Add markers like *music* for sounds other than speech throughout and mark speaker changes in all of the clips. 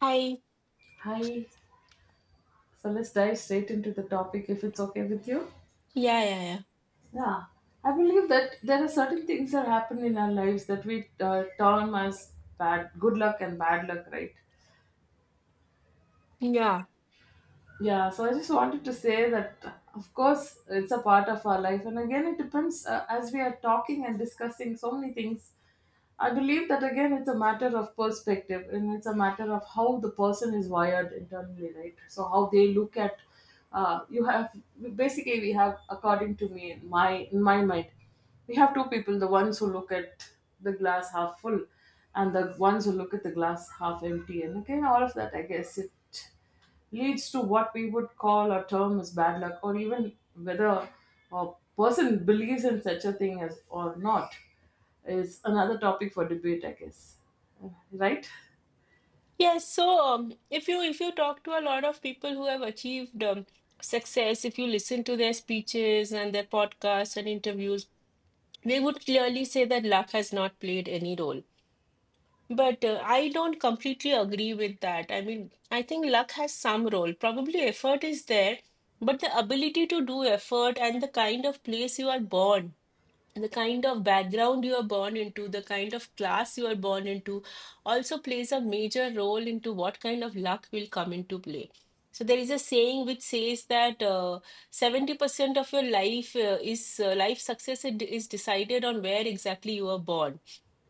Speaker 1: Hi.
Speaker 2: Hi. So let's dive straight into the topic if it's okay with you.
Speaker 1: Yeah, yeah, yeah.
Speaker 2: Yeah, I believe that there are certain things that happen in our lives that we term as bad, good luck and bad luck, right?
Speaker 1: Yeah.
Speaker 2: Yeah, so I just wanted to say that, of course, it's a part of our life. And again, it depends as we are talking and discussing so many things. I believe that, again, it's a matter of perspective and it's a matter of how the person is wired internally, right? So, how they look at you have basically, we have, according to me, my, in my mind, we have two people, the ones who look at the glass half full and the ones who look at the glass half empty. And again, all of that, I guess, it leads to what we would call a term as bad luck, or even whether a person believes in such a thing as or not is another topic for debate, I guess. Right?
Speaker 1: Yes, so if you talk to a lot of people who have achieved success, if you listen to their speeches and their podcasts and interviews, they would clearly say that luck has not played any role. But I don't completely agree with that. I mean, I think luck has some role. Probably effort is there, but the ability to do effort and the kind of place you are born, the kind of background you are born into, the kind of class you are born into, also plays a major role into what kind of luck will come into play. So there is a saying which says that 70% of your life is life success is decided on where exactly you are born.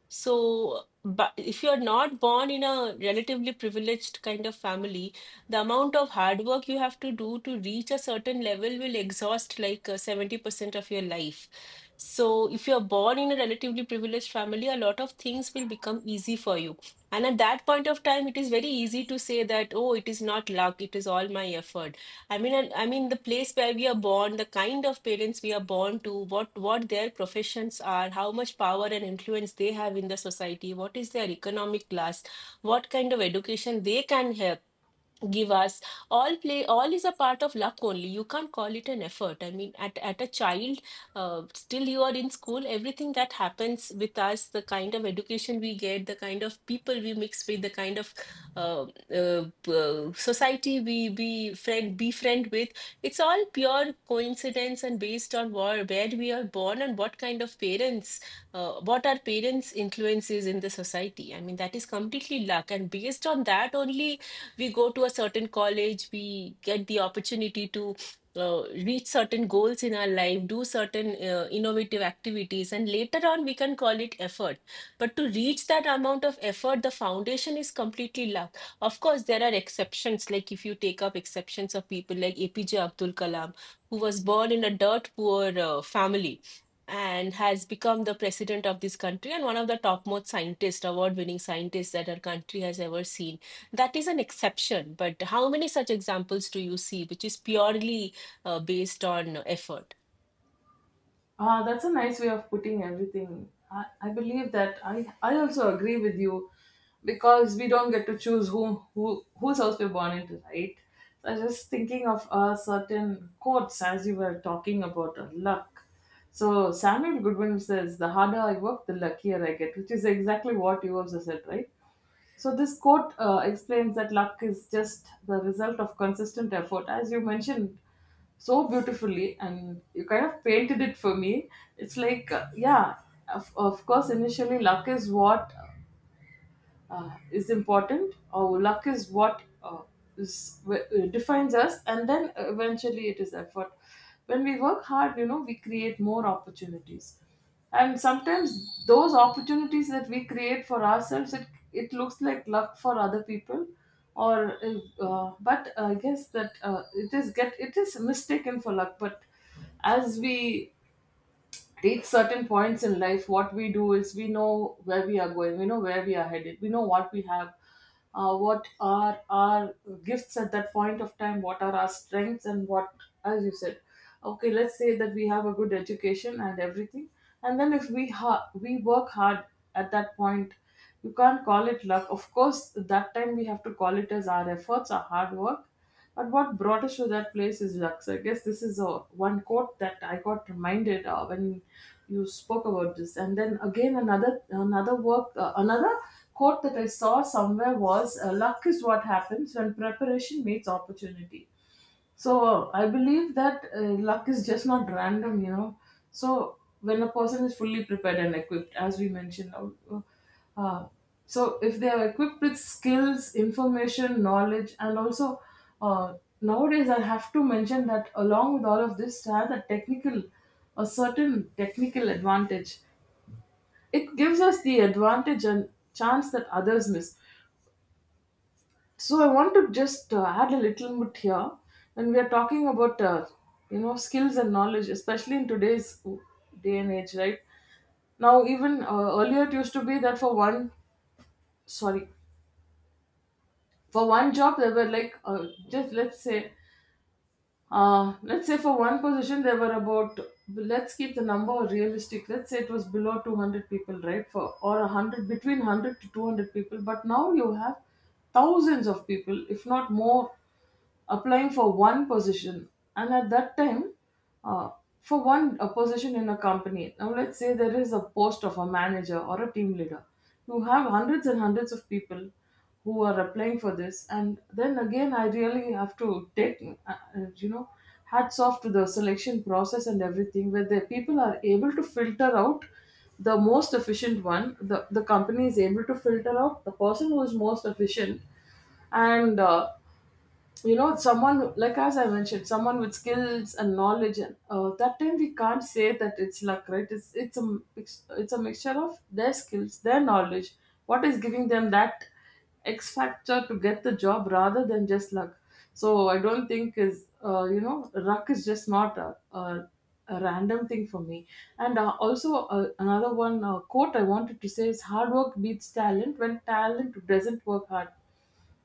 Speaker 1: So, but if you're not born in a relatively privileged kind of family, the amount of hard work you have to do to reach a certain level will exhaust like 70% of your life. So, if you're born in a relatively privileged family, a lot of things will become easy for you. And at that point of time, it is very easy to say that, oh, it is not luck, it is all my effort. I mean, I mean, the place where we are born, the kind of parents we are born to, what their professions are, how much power and influence they have in the society, what is their economic class, what kind of education they can have give us all play all is a part of luck only. You can't call it an effort. I mean, at a child, still you are in school, everything that happens with us, the kind of education we get, the kind of people we mix with, the kind of uh, society we be friend befriend with, it's all pure coincidence and based on where we are born and what kind of parents, what our parents influences in the society. I mean, that is completely luck, and based on that only we go to a certain college, we get the opportunity to reach certain goals in our life, do certain innovative activities, and later on we can call it effort. But to reach that amount of effort, the foundation is completely luck. Of course, there are exceptions, like if you take up exceptions of people like APJ Abdul Kalam, who was born in a dirt poor family and has become the president of this country and one of the topmost scientists, award winning scientists that our country has ever seen. That is an exception, but how many such examples do you see which is purely based on effort?
Speaker 2: Ah, that's a nice way of putting everything. I believe that I also agree with you because we don't get to choose whom who whose house we're born into, right? So I was just thinking of a certain quotes as you were talking about luck. So Samuel Goodwin says, "The harder I work, the luckier I get," which is exactly what you also said, right? So this quote explains that luck is just the result of consistent effort, as you mentioned so beautifully, and you kind of painted it for me. It's like, yeah, of course, initially luck is what is important or luck is what defines us, and then eventually it is effort when we work hard, you know, we create more opportunities, and sometimes those opportunities that we create for ourselves, it looks like luck for other people, or but I guess that it is mistaken for luck. But as we reach certain points in life, what we do is we know where we are going, we know where we are headed, we know what we have, what are our gifts at that point of time, what are our strengths, and what, as you said, okay, let's say that we have a good education and everything, and then if we work hard, at that point you can't call it luck. Of course, that time we have to call it as our efforts, our hard work. But what brought us to that place is luck. So I guess this is a one quote that I got reminded of when you spoke about this. And then again, another quote that I saw somewhere was, "Luck is what happens when preparation meets opportunity." So I believe that luck is just not random, you know. So when a person is fully prepared and equipped, as we mentioned, uh, so if they are equipped with skills, information, knowledge, and also, uh, nowadays I have to mention that along with all of this, to have a technical, a certain technical advantage, it gives us the advantage and chance that others miss. So I want to just add a little bit here when we are talking about you know, skills and knowledge, especially in today's day and age, right? Now even earlier it used to be that sorry for one job there were like just let's say, let's say for one position there were about, let's keep the number realistic, let's say it was below 200 people, right, for or 100, between 100 to 200 people, but now you have thousands of people, if not more, applying for one position. And at that time, uh, for one a position in a company, now let's say there is a post of a manager or a team leader. You have hundreds and hundreds of people who are applying for this, and then again, I really have to take, you know, hats off to the selection process and everything, where the people are able to filter out the most efficient one. The company is able to filter out the person who is most efficient, and you know, someone like, as I mentioned, someone with skills and knowledge, and that time we can't say that it's luck, right? It's a mix, it's a mixture of their skills, their knowledge, what is giving them that X factor to get the job rather than just luck. So I don't think is you know, luck is just not a random thing for me. And also another one, quote I wanted to say is, hard work beats talent when talent doesn't work hard.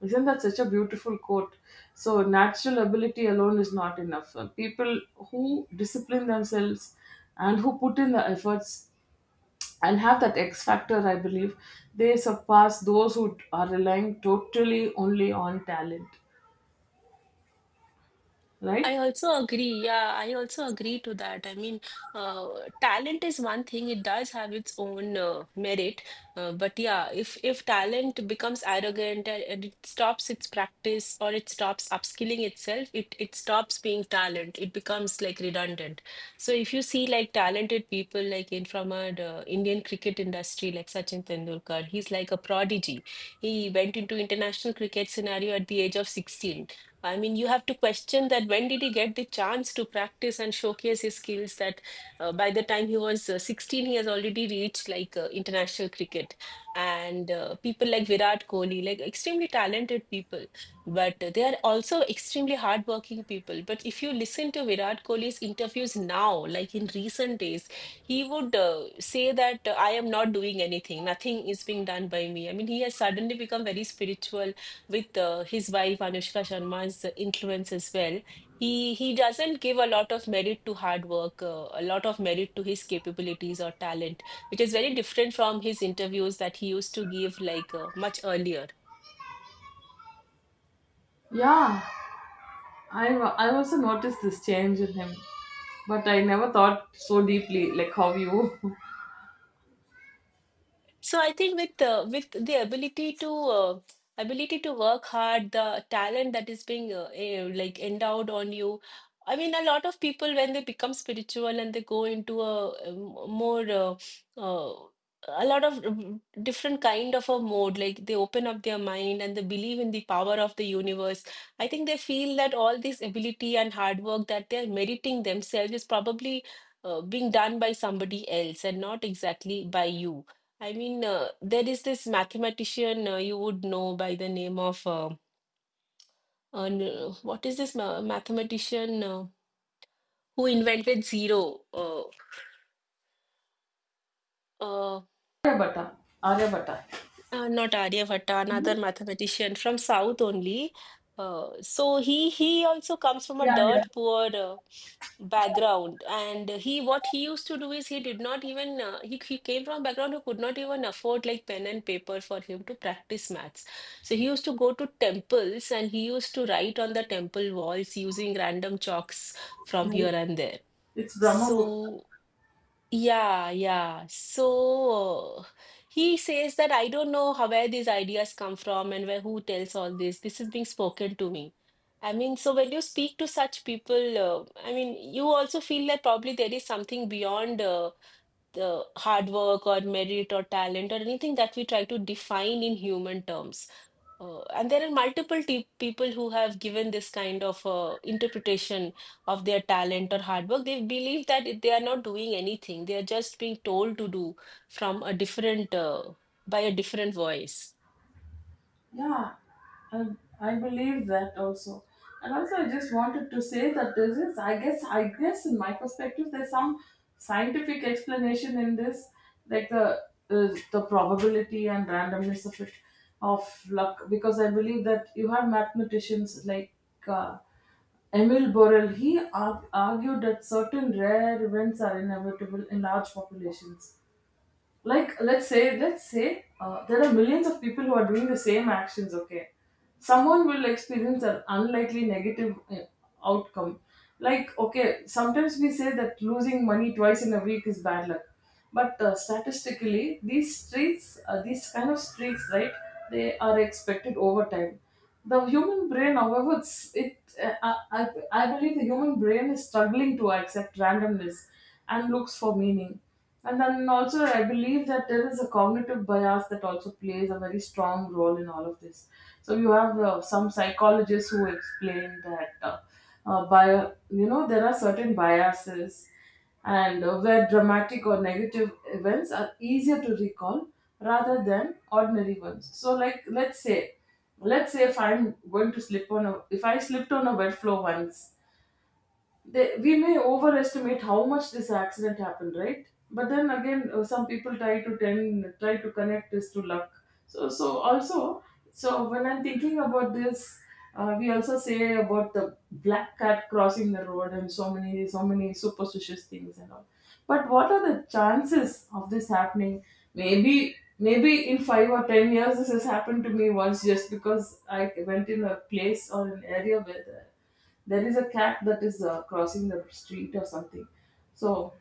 Speaker 2: Isn't that such a beautiful quote? So, natural ability alone is not enough. People who discipline themselves and who put in the efforts and have that X factor, I believe, they surpass those who are relying totally only on talent,
Speaker 1: I
Speaker 2: right?
Speaker 1: also agree. Yeah, I also agree to that. I mean, uh, talent is one thing. It does have its own merit. But yeah, if talent becomes arrogant and it stops its practice or it stops upskilling itself, it stops being talent. It becomes like redundant. So if you see like talented people like in from our Indian cricket industry, like Sachin Tendulkar, he's like a prodigy. He went into international cricket scenario at the age of 16. I mean, you have to question that when did he get the chance to practice and showcase his skills that by the time he was 16, he has already reached like international cricket. And people like Virat Kohli, like extremely talented people, but they are also extremely hardworking people. But if you listen to Virat Kohli's interviews now, like in recent days, he would say that I am not doing anything, nothing is being done by me. I mean, he has suddenly become very spiritual with his wife Anushka Sharma's influence as well. He doesn't give a lot of merit to hard work, a lot of merit to his capabilities or talent, which is very different from his interviews that he used to give like much earlier.
Speaker 2: Yeah, I also noticed this change in him, but I never thought so deeply like how you. *laughs*
Speaker 1: So I think with the ability to ability to work hard, the talent that is being like endowed on you. I mean, a lot of people when they become spiritual and they go into more uh, a lot of different kind of a mode, like they open up their mind and they believe in the power of the universe. I think they feel that all this ability and hard work that they're meriting themselves is probably being done by somebody else and not exactly by you. I mean, there is this mathematician you would know by the name of what is this mathematician who invented zero? Uh,
Speaker 2: Aryabhatta, Aryabhatta.
Speaker 1: Not Aryabhatta, another mathematician from South only. So he also comes from a
Speaker 2: Yeah,
Speaker 1: dirt poor background, and he what he used to do is he did not even he came from a background who could not even afford like pen and paper for him to practice maths. So he used to go to temples and he used to write on the temple walls using random chalks from
Speaker 2: yeah.
Speaker 1: here and there.
Speaker 2: It's Brahma Gupta.
Speaker 1: So. Yeah, yeah. So he says that I don't know how where these ideas come from and where who tells all this. This is being spoken to me. I mean, so when you speak to such people, I mean, you also feel that probably there is something beyond the hard work or merit or talent or anything that we try to define in human terms. And there are multiple people who have given this kind of interpretation of their talent or hard work. They believe that they are not doing anything. They are just being told to do from a different, by a different voice.
Speaker 2: Yeah, I, I believe that also. And also, I just wanted to say that this is, I guess, in my perspective, there's some scientific explanation in this, like the probability and randomness of it, of luck. Because I believe that you have mathematicians like uh, Emil Borel. Argued that certain rare events are inevitable in large populations. Like let's say, let's say there are millions of people who are doing the same actions. Okay, someone will experience an unlikely negative outcome. Like, okay, sometimes we say that losing money 2 times in a week is bad luck, but statistically these streaks, these kind of streaks, right, they are expected over time. The human brain, however, it's, it I believe the human brain is struggling to accept randomness and looks for meaning. And then also, I believe that there is a cognitive bias that also plays a very strong role in all of this. So you have some psychologists who explain that you know, there are certain biases, and where dramatic or negative events are easier to recall rather than ordinary ones. So, like, let's say if I'm going to slip on a, if I slipped on a wet floor once, we may overestimate how much this accident happened, right? But then again, some people try to connect this to luck. So so also, so when I'm thinking about this, we also say about the black cat crossing the road and so many superstitious things and all. But what are the chances of this happening? Maybe maybe in 5 or 10 years this has happened to me once, just because I went in a place or an area where there is a cat that is crossing the street or something. So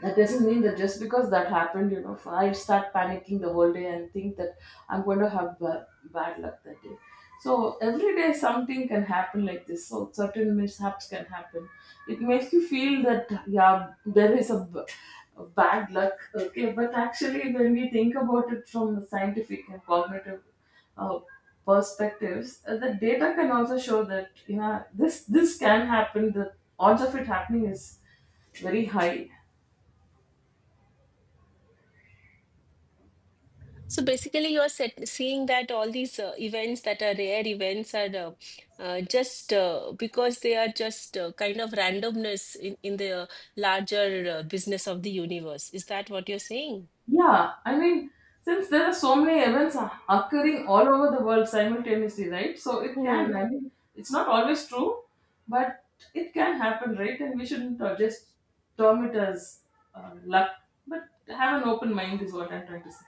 Speaker 2: that doesn't mean that just because that happened, you know, I start panicking the whole day and think that I'm going to have bad luck that day. So every day something can happen like this. So certain mishaps can happen. It makes you feel that, yeah, there is a bad luck. Okay, but actually, when we think about it from the scientific and cognitive uh, perspectives, the data can also show that, yeah, this can happen. The odds of it happening is very high.
Speaker 1: So basically, seeing that all these events that are rare events are just because they are just kind of randomness in the larger business of the universe. Is that what you're saying?
Speaker 2: Yeah, I mean, since there are so many events occurring all over the world simultaneously, right? So it can, I mean, it's not always true, but it can happen, right? And we shouldn't just term it as luck, but have an open mind is what I'm trying to say.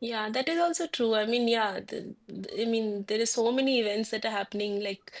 Speaker 1: Yeah, that is also true. I mean, yeah, I mean, there is so many events that are happening, like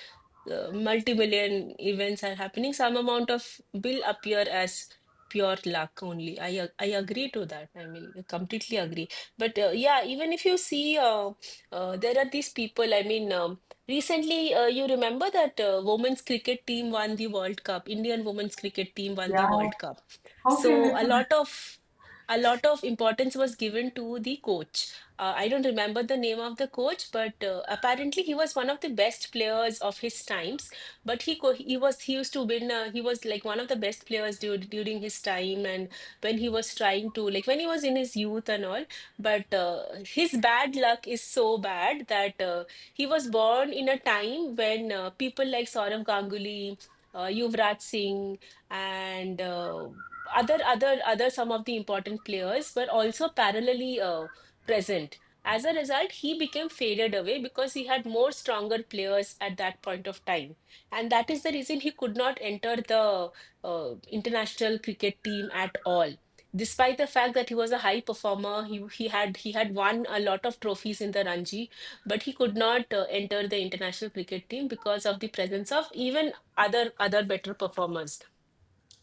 Speaker 1: multi-million events are happening. Some amount of will appear as pure luck only. I agree to that. I mean, I completely agree. But yeah, even if you see, there are these people. I mean, recently, you remember that women's cricket team won the World Cup. Indian women's cricket team won the
Speaker 2: Yeah,
Speaker 1: World Cup.
Speaker 2: how can
Speaker 1: So
Speaker 2: it be?
Speaker 1: a lot of importance was given to the coach. I don't remember the name of the coach, but apparently he was one of the best players of his times. But he was he used to win. He was like one of the best players during his time, and when he was trying to like when he was in his youth and all. But his bad luck is so bad that he was born in a time when people like Saurav Ganguly, Yuvraj Singh, and other some of the important players were also parallelly present. As a result, he became faded away because he had more stronger players at that point of time, and that is the reason he could not enter the international cricket team at all. Despite the fact that he was a high performer, he had won a lot of trophies in the Ranji, but he could not enter the international cricket team because of the presence of even other better performers,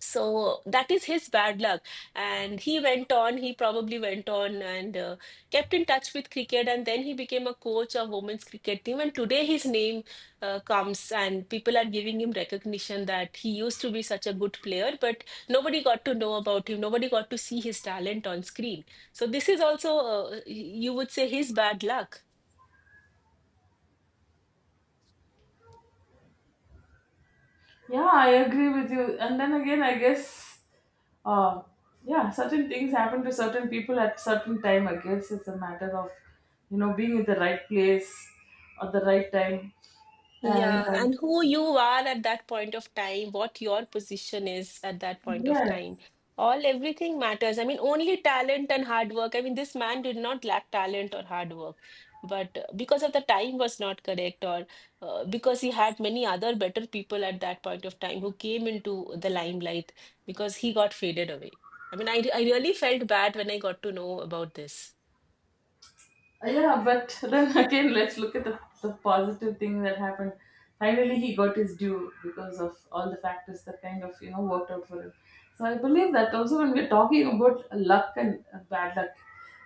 Speaker 1: so that is his bad luck. And he went on, he probably went on and kept in touch with cricket. And then he became a coach of women's cricket team. And today his name comes, and people are giving him recognition that he used to be such a good player, but nobody got to know about him. Nobody got to see his talent on screen. So this is also, you would say, his bad luck.
Speaker 2: Yeah, I agree with you. And then again, I guess, uh, yeah, certain things happen to certain people at certain time. I guess it's a matter of, you know, being in the right place at the right time. And
Speaker 1: Yeah, and who you are at that point of time, what your position is at that point of
Speaker 2: yeah,
Speaker 1: time. All everything matters. I mean, only talent and hard work. I mean, this man did not lack talent or hard work, but because of the time was not correct, or because he had many other better people at that point of time who came into the limelight because he got faded away. I mean, I really felt bad when I got to know about this.
Speaker 2: yeah, but then *laughs* again, let's look at the positive thing that happened. Finally, he got his due because of all the factors that kind of, you know, worked out for him. So I believe that also when we're talking about luck and bad luck,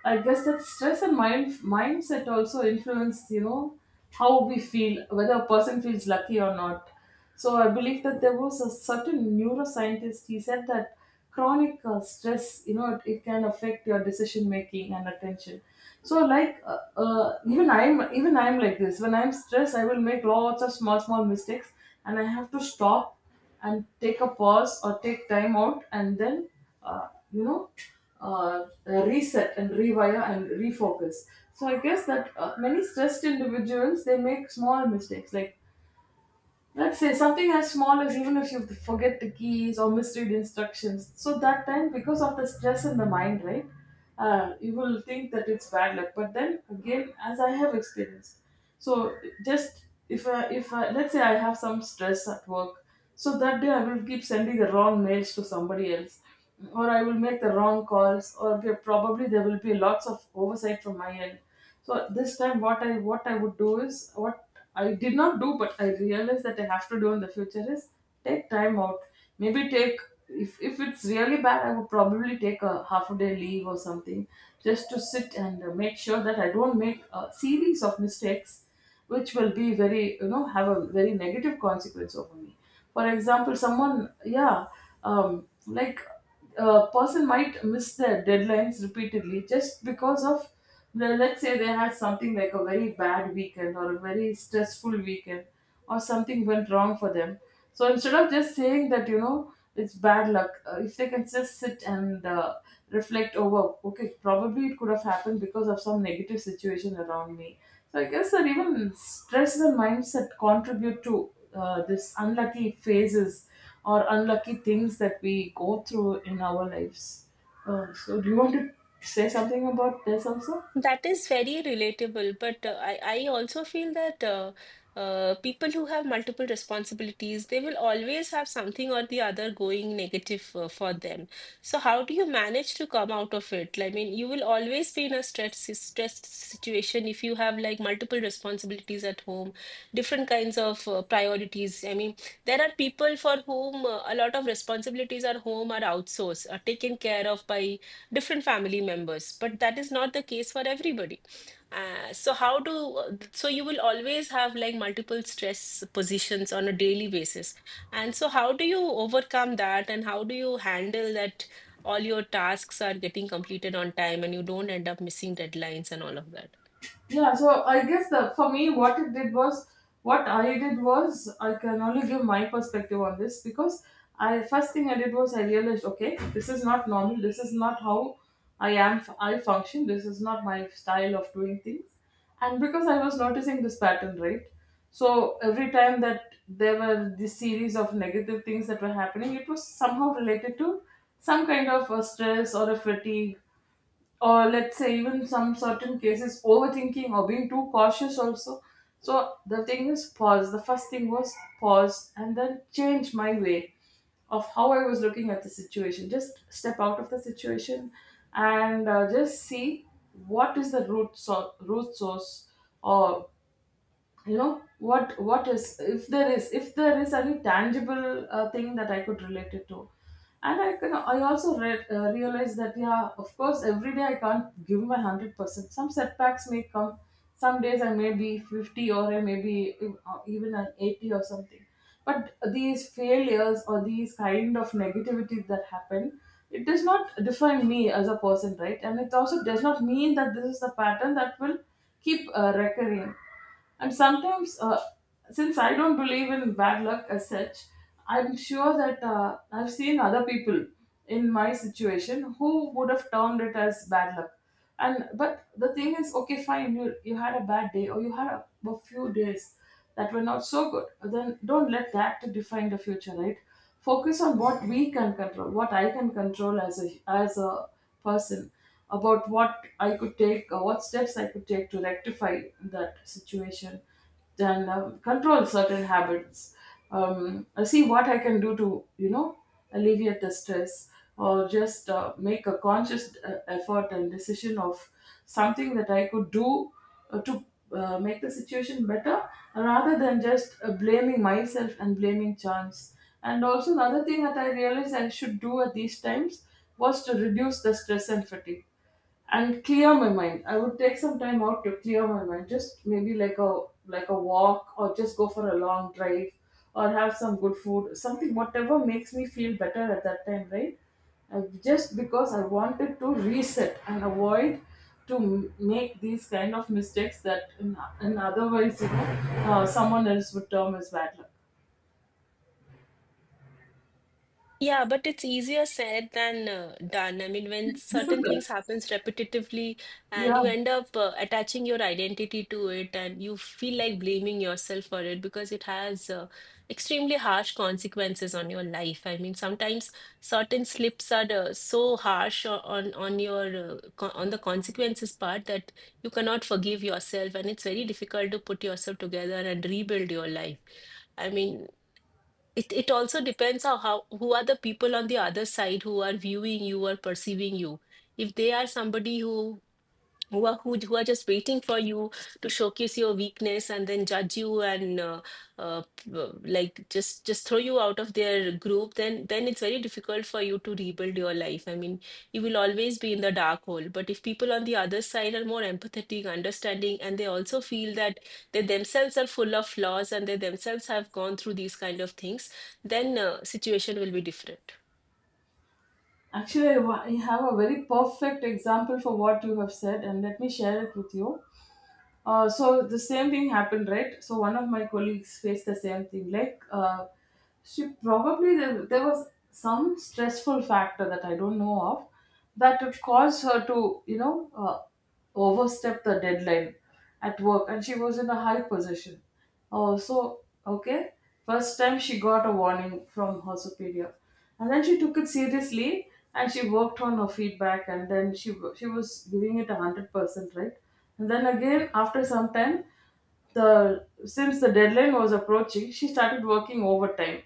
Speaker 2: I guess that stress and mindset also influence, you know, how we feel, whether a person feels lucky or not. So I believe that there was a certain neuroscientist. He said that chronic stress, you know, it can affect your decision making and attention. So like even I'm like this. When I'm stressed, I will make lots of small mistakes, and I have to stop and take a pause or take time out, and then uh, you know reset and rewire and refocus. So I guess that many stressed individuals they make small mistakes like, let's say something as small as even if you forget the keys or misread instructions. So that time, because of the stress in the mind, right, you will think that it's bad luck. But then again, as I have experienced, so just if I, let's say I have some stress at work, so that day I will keep sending the wrong mails to somebody else, or I will make the wrong calls, or probably there will be lots of oversight from my end. So this time, what I would do is what I did not do, but I realized that I have to do in the future is take time out. Maybe take, if it's really bad, I would probably take a half a day leave or something, just to sit and make sure that I don't make a series of mistakes, which will be very, have a very negative consequence over me. For example, someone, yeah, like a person might miss their deadlines repeatedly just because of, well, let's say they had something like a very bad weekend or a very stressful weekend, or something went wrong for them. So instead of just saying that you know it's bad luck, if they can just sit and reflect over, okay, probably it could have happened because of some negative situation around me. So I guess that even stress and mindset contribute to this unlucky phases or unlucky things that we go through in our lives. So, do you want to say something about this also?
Speaker 1: That is very relatable, but I also feel that people who have multiple responsibilities, they will always have something or the other going negative for them. So how do you manage to come out of it? I mean, you will always be in a stressed situation if you have like multiple responsibilities at home, different kinds of priorities. I mean, there are people for whom a lot of responsibilities at home are outsourced, are taken care of by different family members, but that is not the case for everybody. So how do So you will always have like multiple stress positions on a daily basis. And so how do you overcome that and how do you handle that all your tasks are getting completed on time and you don't end up missing deadlines and all of that?
Speaker 2: Yeah, so I guess the for me what it did was, what I did was, I can only give my perspective on this because I, first thing I did was I realized, okay, this is not normal, this is not how I am, I function, this is not my style of doing things. And because I was noticing this pattern, right, so every time that there were this series of negative things that were happening, it was somehow related to some kind of a stress or a fatigue, or let's say even some certain cases overthinking or being too cautious also. So the thing is pause, the first thing was pause and then change my way of how I was looking at the situation, just step out of the situation and just see what is the root source, or, you know, what is, if there is any tangible thing that I could relate it to. And I can, I also realized that, yeah, of course every day I can't give my 100%. Some setbacks may come, some days I may be 50, or I may be even an 80 or something. But these failures or these kind of negativity that happen, it does not define me as a person, right? And it also does not mean that this is the pattern that will keep recurring. And sometimes, since I don't believe in bad luck as such, I'm sure that I've seen other people in my situation who would have termed it as bad luck. And but the thing is, okay, fine, you had a bad day or you had a few days that were not so good. Then don't let that to define the future, right? Focus on what we can control, what I can control as a person, about what I could take, what steps I could take to rectify that situation, then control certain habits, see what I can do to, you know, alleviate the stress, or just make a conscious effort and decision of something that I could do to make the situation better rather than just blaming myself and blaming chance. And also, another thing that I realized I should do at these times was to reduce the stress and fatigue and clear my mind. I would take some time out to clear my mind, just maybe like a, like a walk or just go for a long drive, or have some good food, something, whatever makes me feel better at that time, right? I, just because I wanted to reset and avoid to make these kind of mistakes that in otherwise, you know, someone else would term as bad luck.
Speaker 1: Yeah, but it's easier said than done. I mean, when
Speaker 2: It's
Speaker 1: certain
Speaker 2: difficult.
Speaker 1: things happens repetitively and
Speaker 2: Yeah.
Speaker 1: you end up attaching your identity to it and you feel like blaming yourself for it because it has extremely harsh consequences on your life. I mean, sometimes certain slips are so harsh on your co on the consequences part that you cannot forgive yourself and it's very difficult to put yourself together and rebuild your life. I mean, it also depends on how who are the people on the other side who are viewing you or perceiving you. If they are somebody who who are just waiting for you to showcase your weakness and then judge you and like just throw you out of their group, then it's very difficult for you to rebuild your life. I mean, you will always be in the dark hole. But if people on the other side are more empathetic, understanding, and they also feel that they themselves are full of flaws and they themselves have gone through these kind of things, then situation will be different.
Speaker 2: Actually, I I have a very perfect example for what you have said, and let me share it with you. So the same thing happened, right? So one of my colleagues faced the same thing. Like, she probably, there was some stressful factor that I don't know of that would cause her to, you know, overstep the deadline at work, and she was in a high position. Oh, so okay. First time she got a warning from her superior, and then she took it seriously and she worked on her feedback, and then she she was giving it 100%, right? And then again, after some time, the since the deadline was approaching, she started working overtime.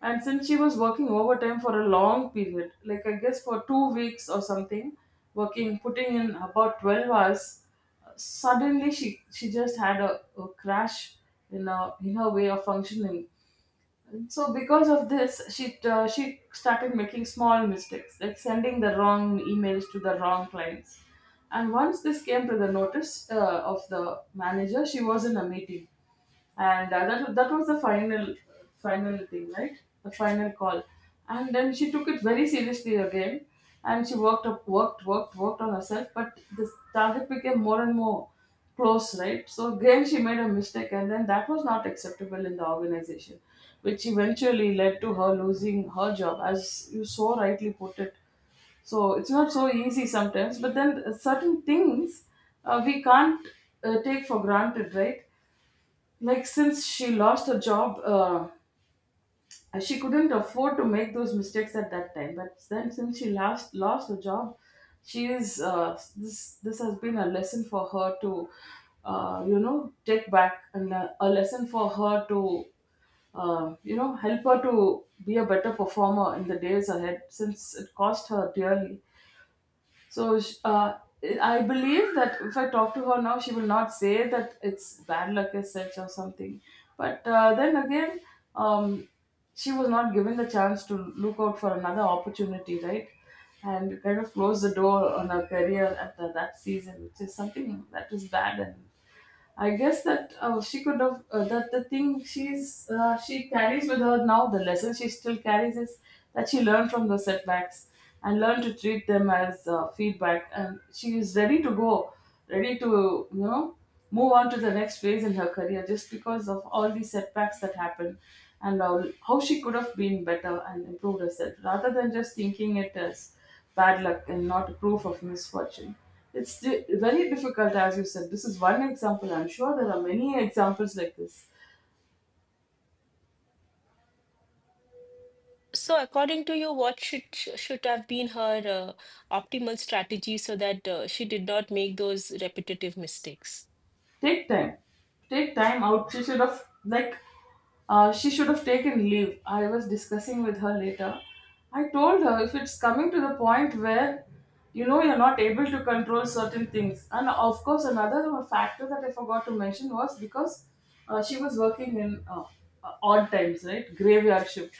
Speaker 2: And since she was working overtime for a long period, like I guess for 2 weeks or something, working, putting in about 12 hours, suddenly she just had a crash in, a, in her way of functioning. And so because of this, she started making small mistakes, like sending the wrong emails to the wrong clients. And once this came to the notice of the manager, she was in a meeting, and that was the final final thing, right? The final call. And then she took it very seriously again, and she worked up, worked, worked, worked on herself. But this target became more and more close, right? So again, she made a mistake, and then that was not acceptable in the organization, which eventually led to her losing her job, as you so rightly put it. So it's not so easy sometimes, but then certain things we can't take for granted, right? Like since she lost her job, she couldn't afford to make those mistakes at that time. But then since she last lost her job, she is, this this has been a lesson for her to, you know, take back, and a lesson for her to you know, help her to be a better performer in the days ahead since it cost her dearly. So I believe that if I talk to her now, she will not say that it's bad luck as such or something. But then again, um, she was not given the chance to look out for another opportunity, right? And kind of close the door on her career at that season, which is something that is bad. And I guess that she could have, that the thing she carries with her now, the lesson she still carries, is that she learned from the setbacks and learned to treat them as feedback, and she is ready to go, ready to, you know, move on to the next phase in her career just because of all these setbacks that happened, and how she could have been better and improved herself rather than just thinking it as bad luck and not proof of misfortune. It's very difficult, as you said. This is one example. I'm sure there are many examples like this.
Speaker 1: So, according to you, what should have been her optimal strategy so that she did not make those repetitive mistakes?
Speaker 2: Take time. Take time out. Instead of, like, she should have taken leave. I was discussing with her later. I told her, if it's coming to the point where, you know, you're not able to control certain things, and of course, another factor that I forgot to mention was because she was working in odd times, right? Graveyard shift.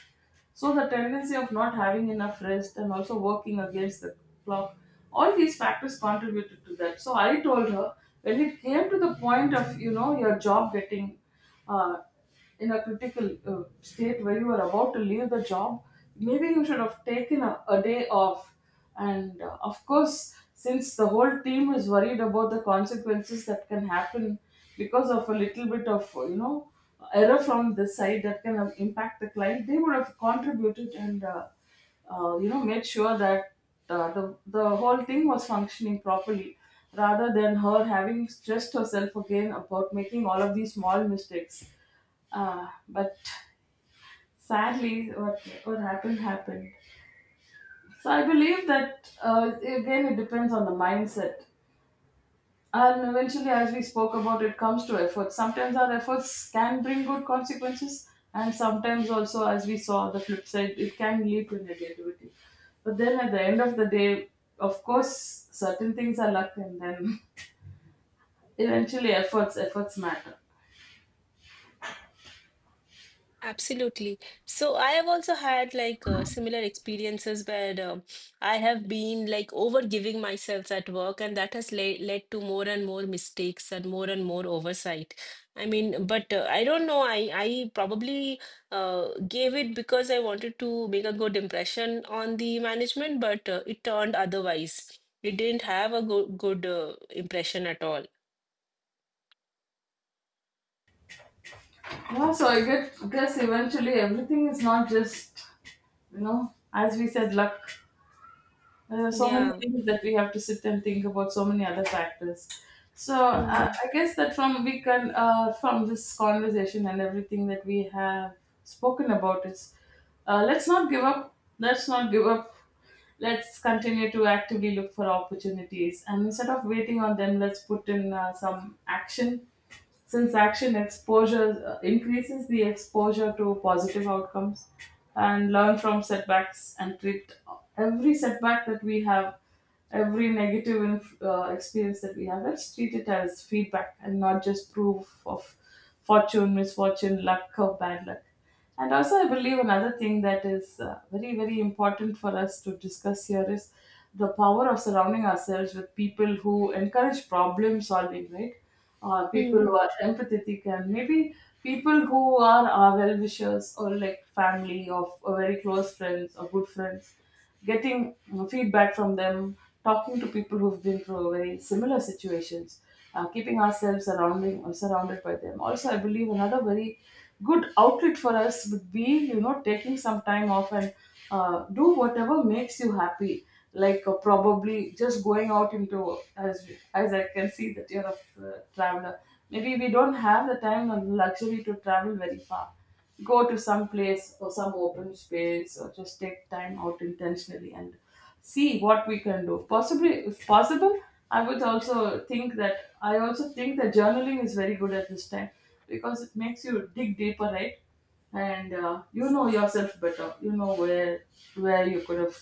Speaker 2: So the tendency of not having enough rest and also working against the clock, all these factors contributed to that. So I told her when it came to the point of, you know, your job getting uh, in a critical state where you are about to leave the job, maybe you should have taken a day off. And of course, since the whole team is worried about the consequences that can happen because of a little bit of error from this side that can impact the client, they would have contributed and made sure that the whole thing was functioning properly rather than her having stressed herself again about making all of these small mistakes but sadly what happened happened. So I believe that again it depends on the mindset, and eventually, as we spoke about, it comes to efforts. Sometimes our efforts can bring good consequences, and sometimes also, as we saw the flip side, it can lead to negativity. But then at the end of the day, of course, certain things are luck, and then *laughs* eventually, efforts matter.
Speaker 1: Absolutely. So I have also had like similar experiences where I have been like over giving myself at work, and that has le led to more and more mistakes and more oversight. I mean, but I don't know. I probably uh, gave it because I wanted to make a good impression on the management, but it turned otherwise. It didn't have a go good impression at all.
Speaker 2: Yeah, so I guess eventually everything is not just, you know, as we said, luck. There so many
Speaker 1: Yeah.
Speaker 2: things that we have to sit and think about, so many other factors. So I guess that from we can from this conversation and everything that we have spoken about is let's not give up. Let's not give up. Let's continue to actively look for opportunities, and instead of waiting on them, let's put in some action, since action exposure increases the exposure to positive outcomes, and learn from setbacks and treat every setback that we have, every negative experience that we have, let's treat it as feedback and not just proof of fortune, misfortune, luck or bad luck. And also, I believe another thing that is very, very important for us to discuss here is the power of surrounding ourselves with people who encourage problem solving, right? People who
Speaker 1: Mm.
Speaker 2: are empathetic, and maybe people who are our well wishers, or like family, or very close friends or good friends, getting you know, feedback from them, talking to people who've been through very similar situations, keeping ourselves surrounding or surrounded by them. Also, I believe another very good outlet for us would be you know taking some time off and do whatever makes you happy. Like probably just going out into, as I can see that you're a traveler. Maybe we don't have the time and luxury to travel very far, go to some place or some open space or just take time out intentionally and see what we can do, possibly if possible. I also think that journaling is very good at this time, because it makes you dig deeper, right? And you know yourself better, you know where you could have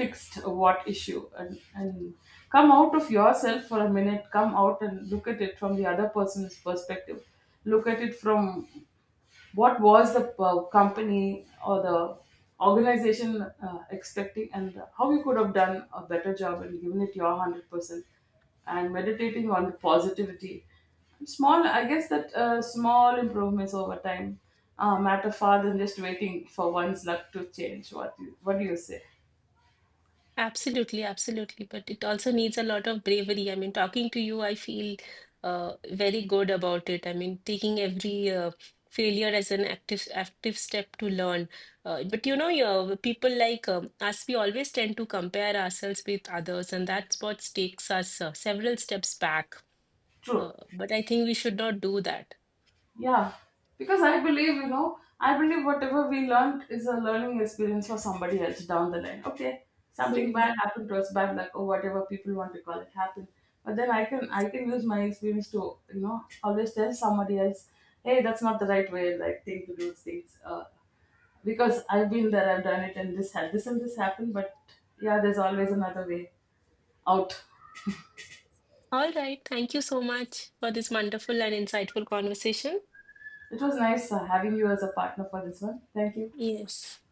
Speaker 2: fixed what issue, and come out of yourself for a minute, come out and look at it from the other person's perspective, look at it from what was the company or the organization expecting, and how you could have done a better job and given it your 100%, and meditating on the positivity. Small, I guess that small improvements over time matter far than just waiting for one's luck to change. What do you say,
Speaker 1: Absolutely, absolutely. But it also needs a lot of bravery. I mean, talking to you, I feel very good about it. I mean, taking every failure as an active step to learn. But you know, your people like us, we always tend to compare ourselves with others, and that's what takes us several steps back.
Speaker 2: true?
Speaker 1: But I think we should not do that.
Speaker 2: Yeah, because I believe, you know, I believe whatever we learned is a learning experience for somebody else down the line. Okay, something
Speaker 1: Hmm.
Speaker 2: bad happened to us, bad luck or whatever people want to call it happened. But then I can use my experience to, you know, always tell somebody else, hey, that's not the right way, like thing to do things. Because I've been there, I've done it, and this had this and this happened. But yeah, there's always another way out.
Speaker 1: All right. Thank you so much for this wonderful and insightful conversation.
Speaker 2: It was nice having you as a partner for this one. Thank you.
Speaker 1: Yes.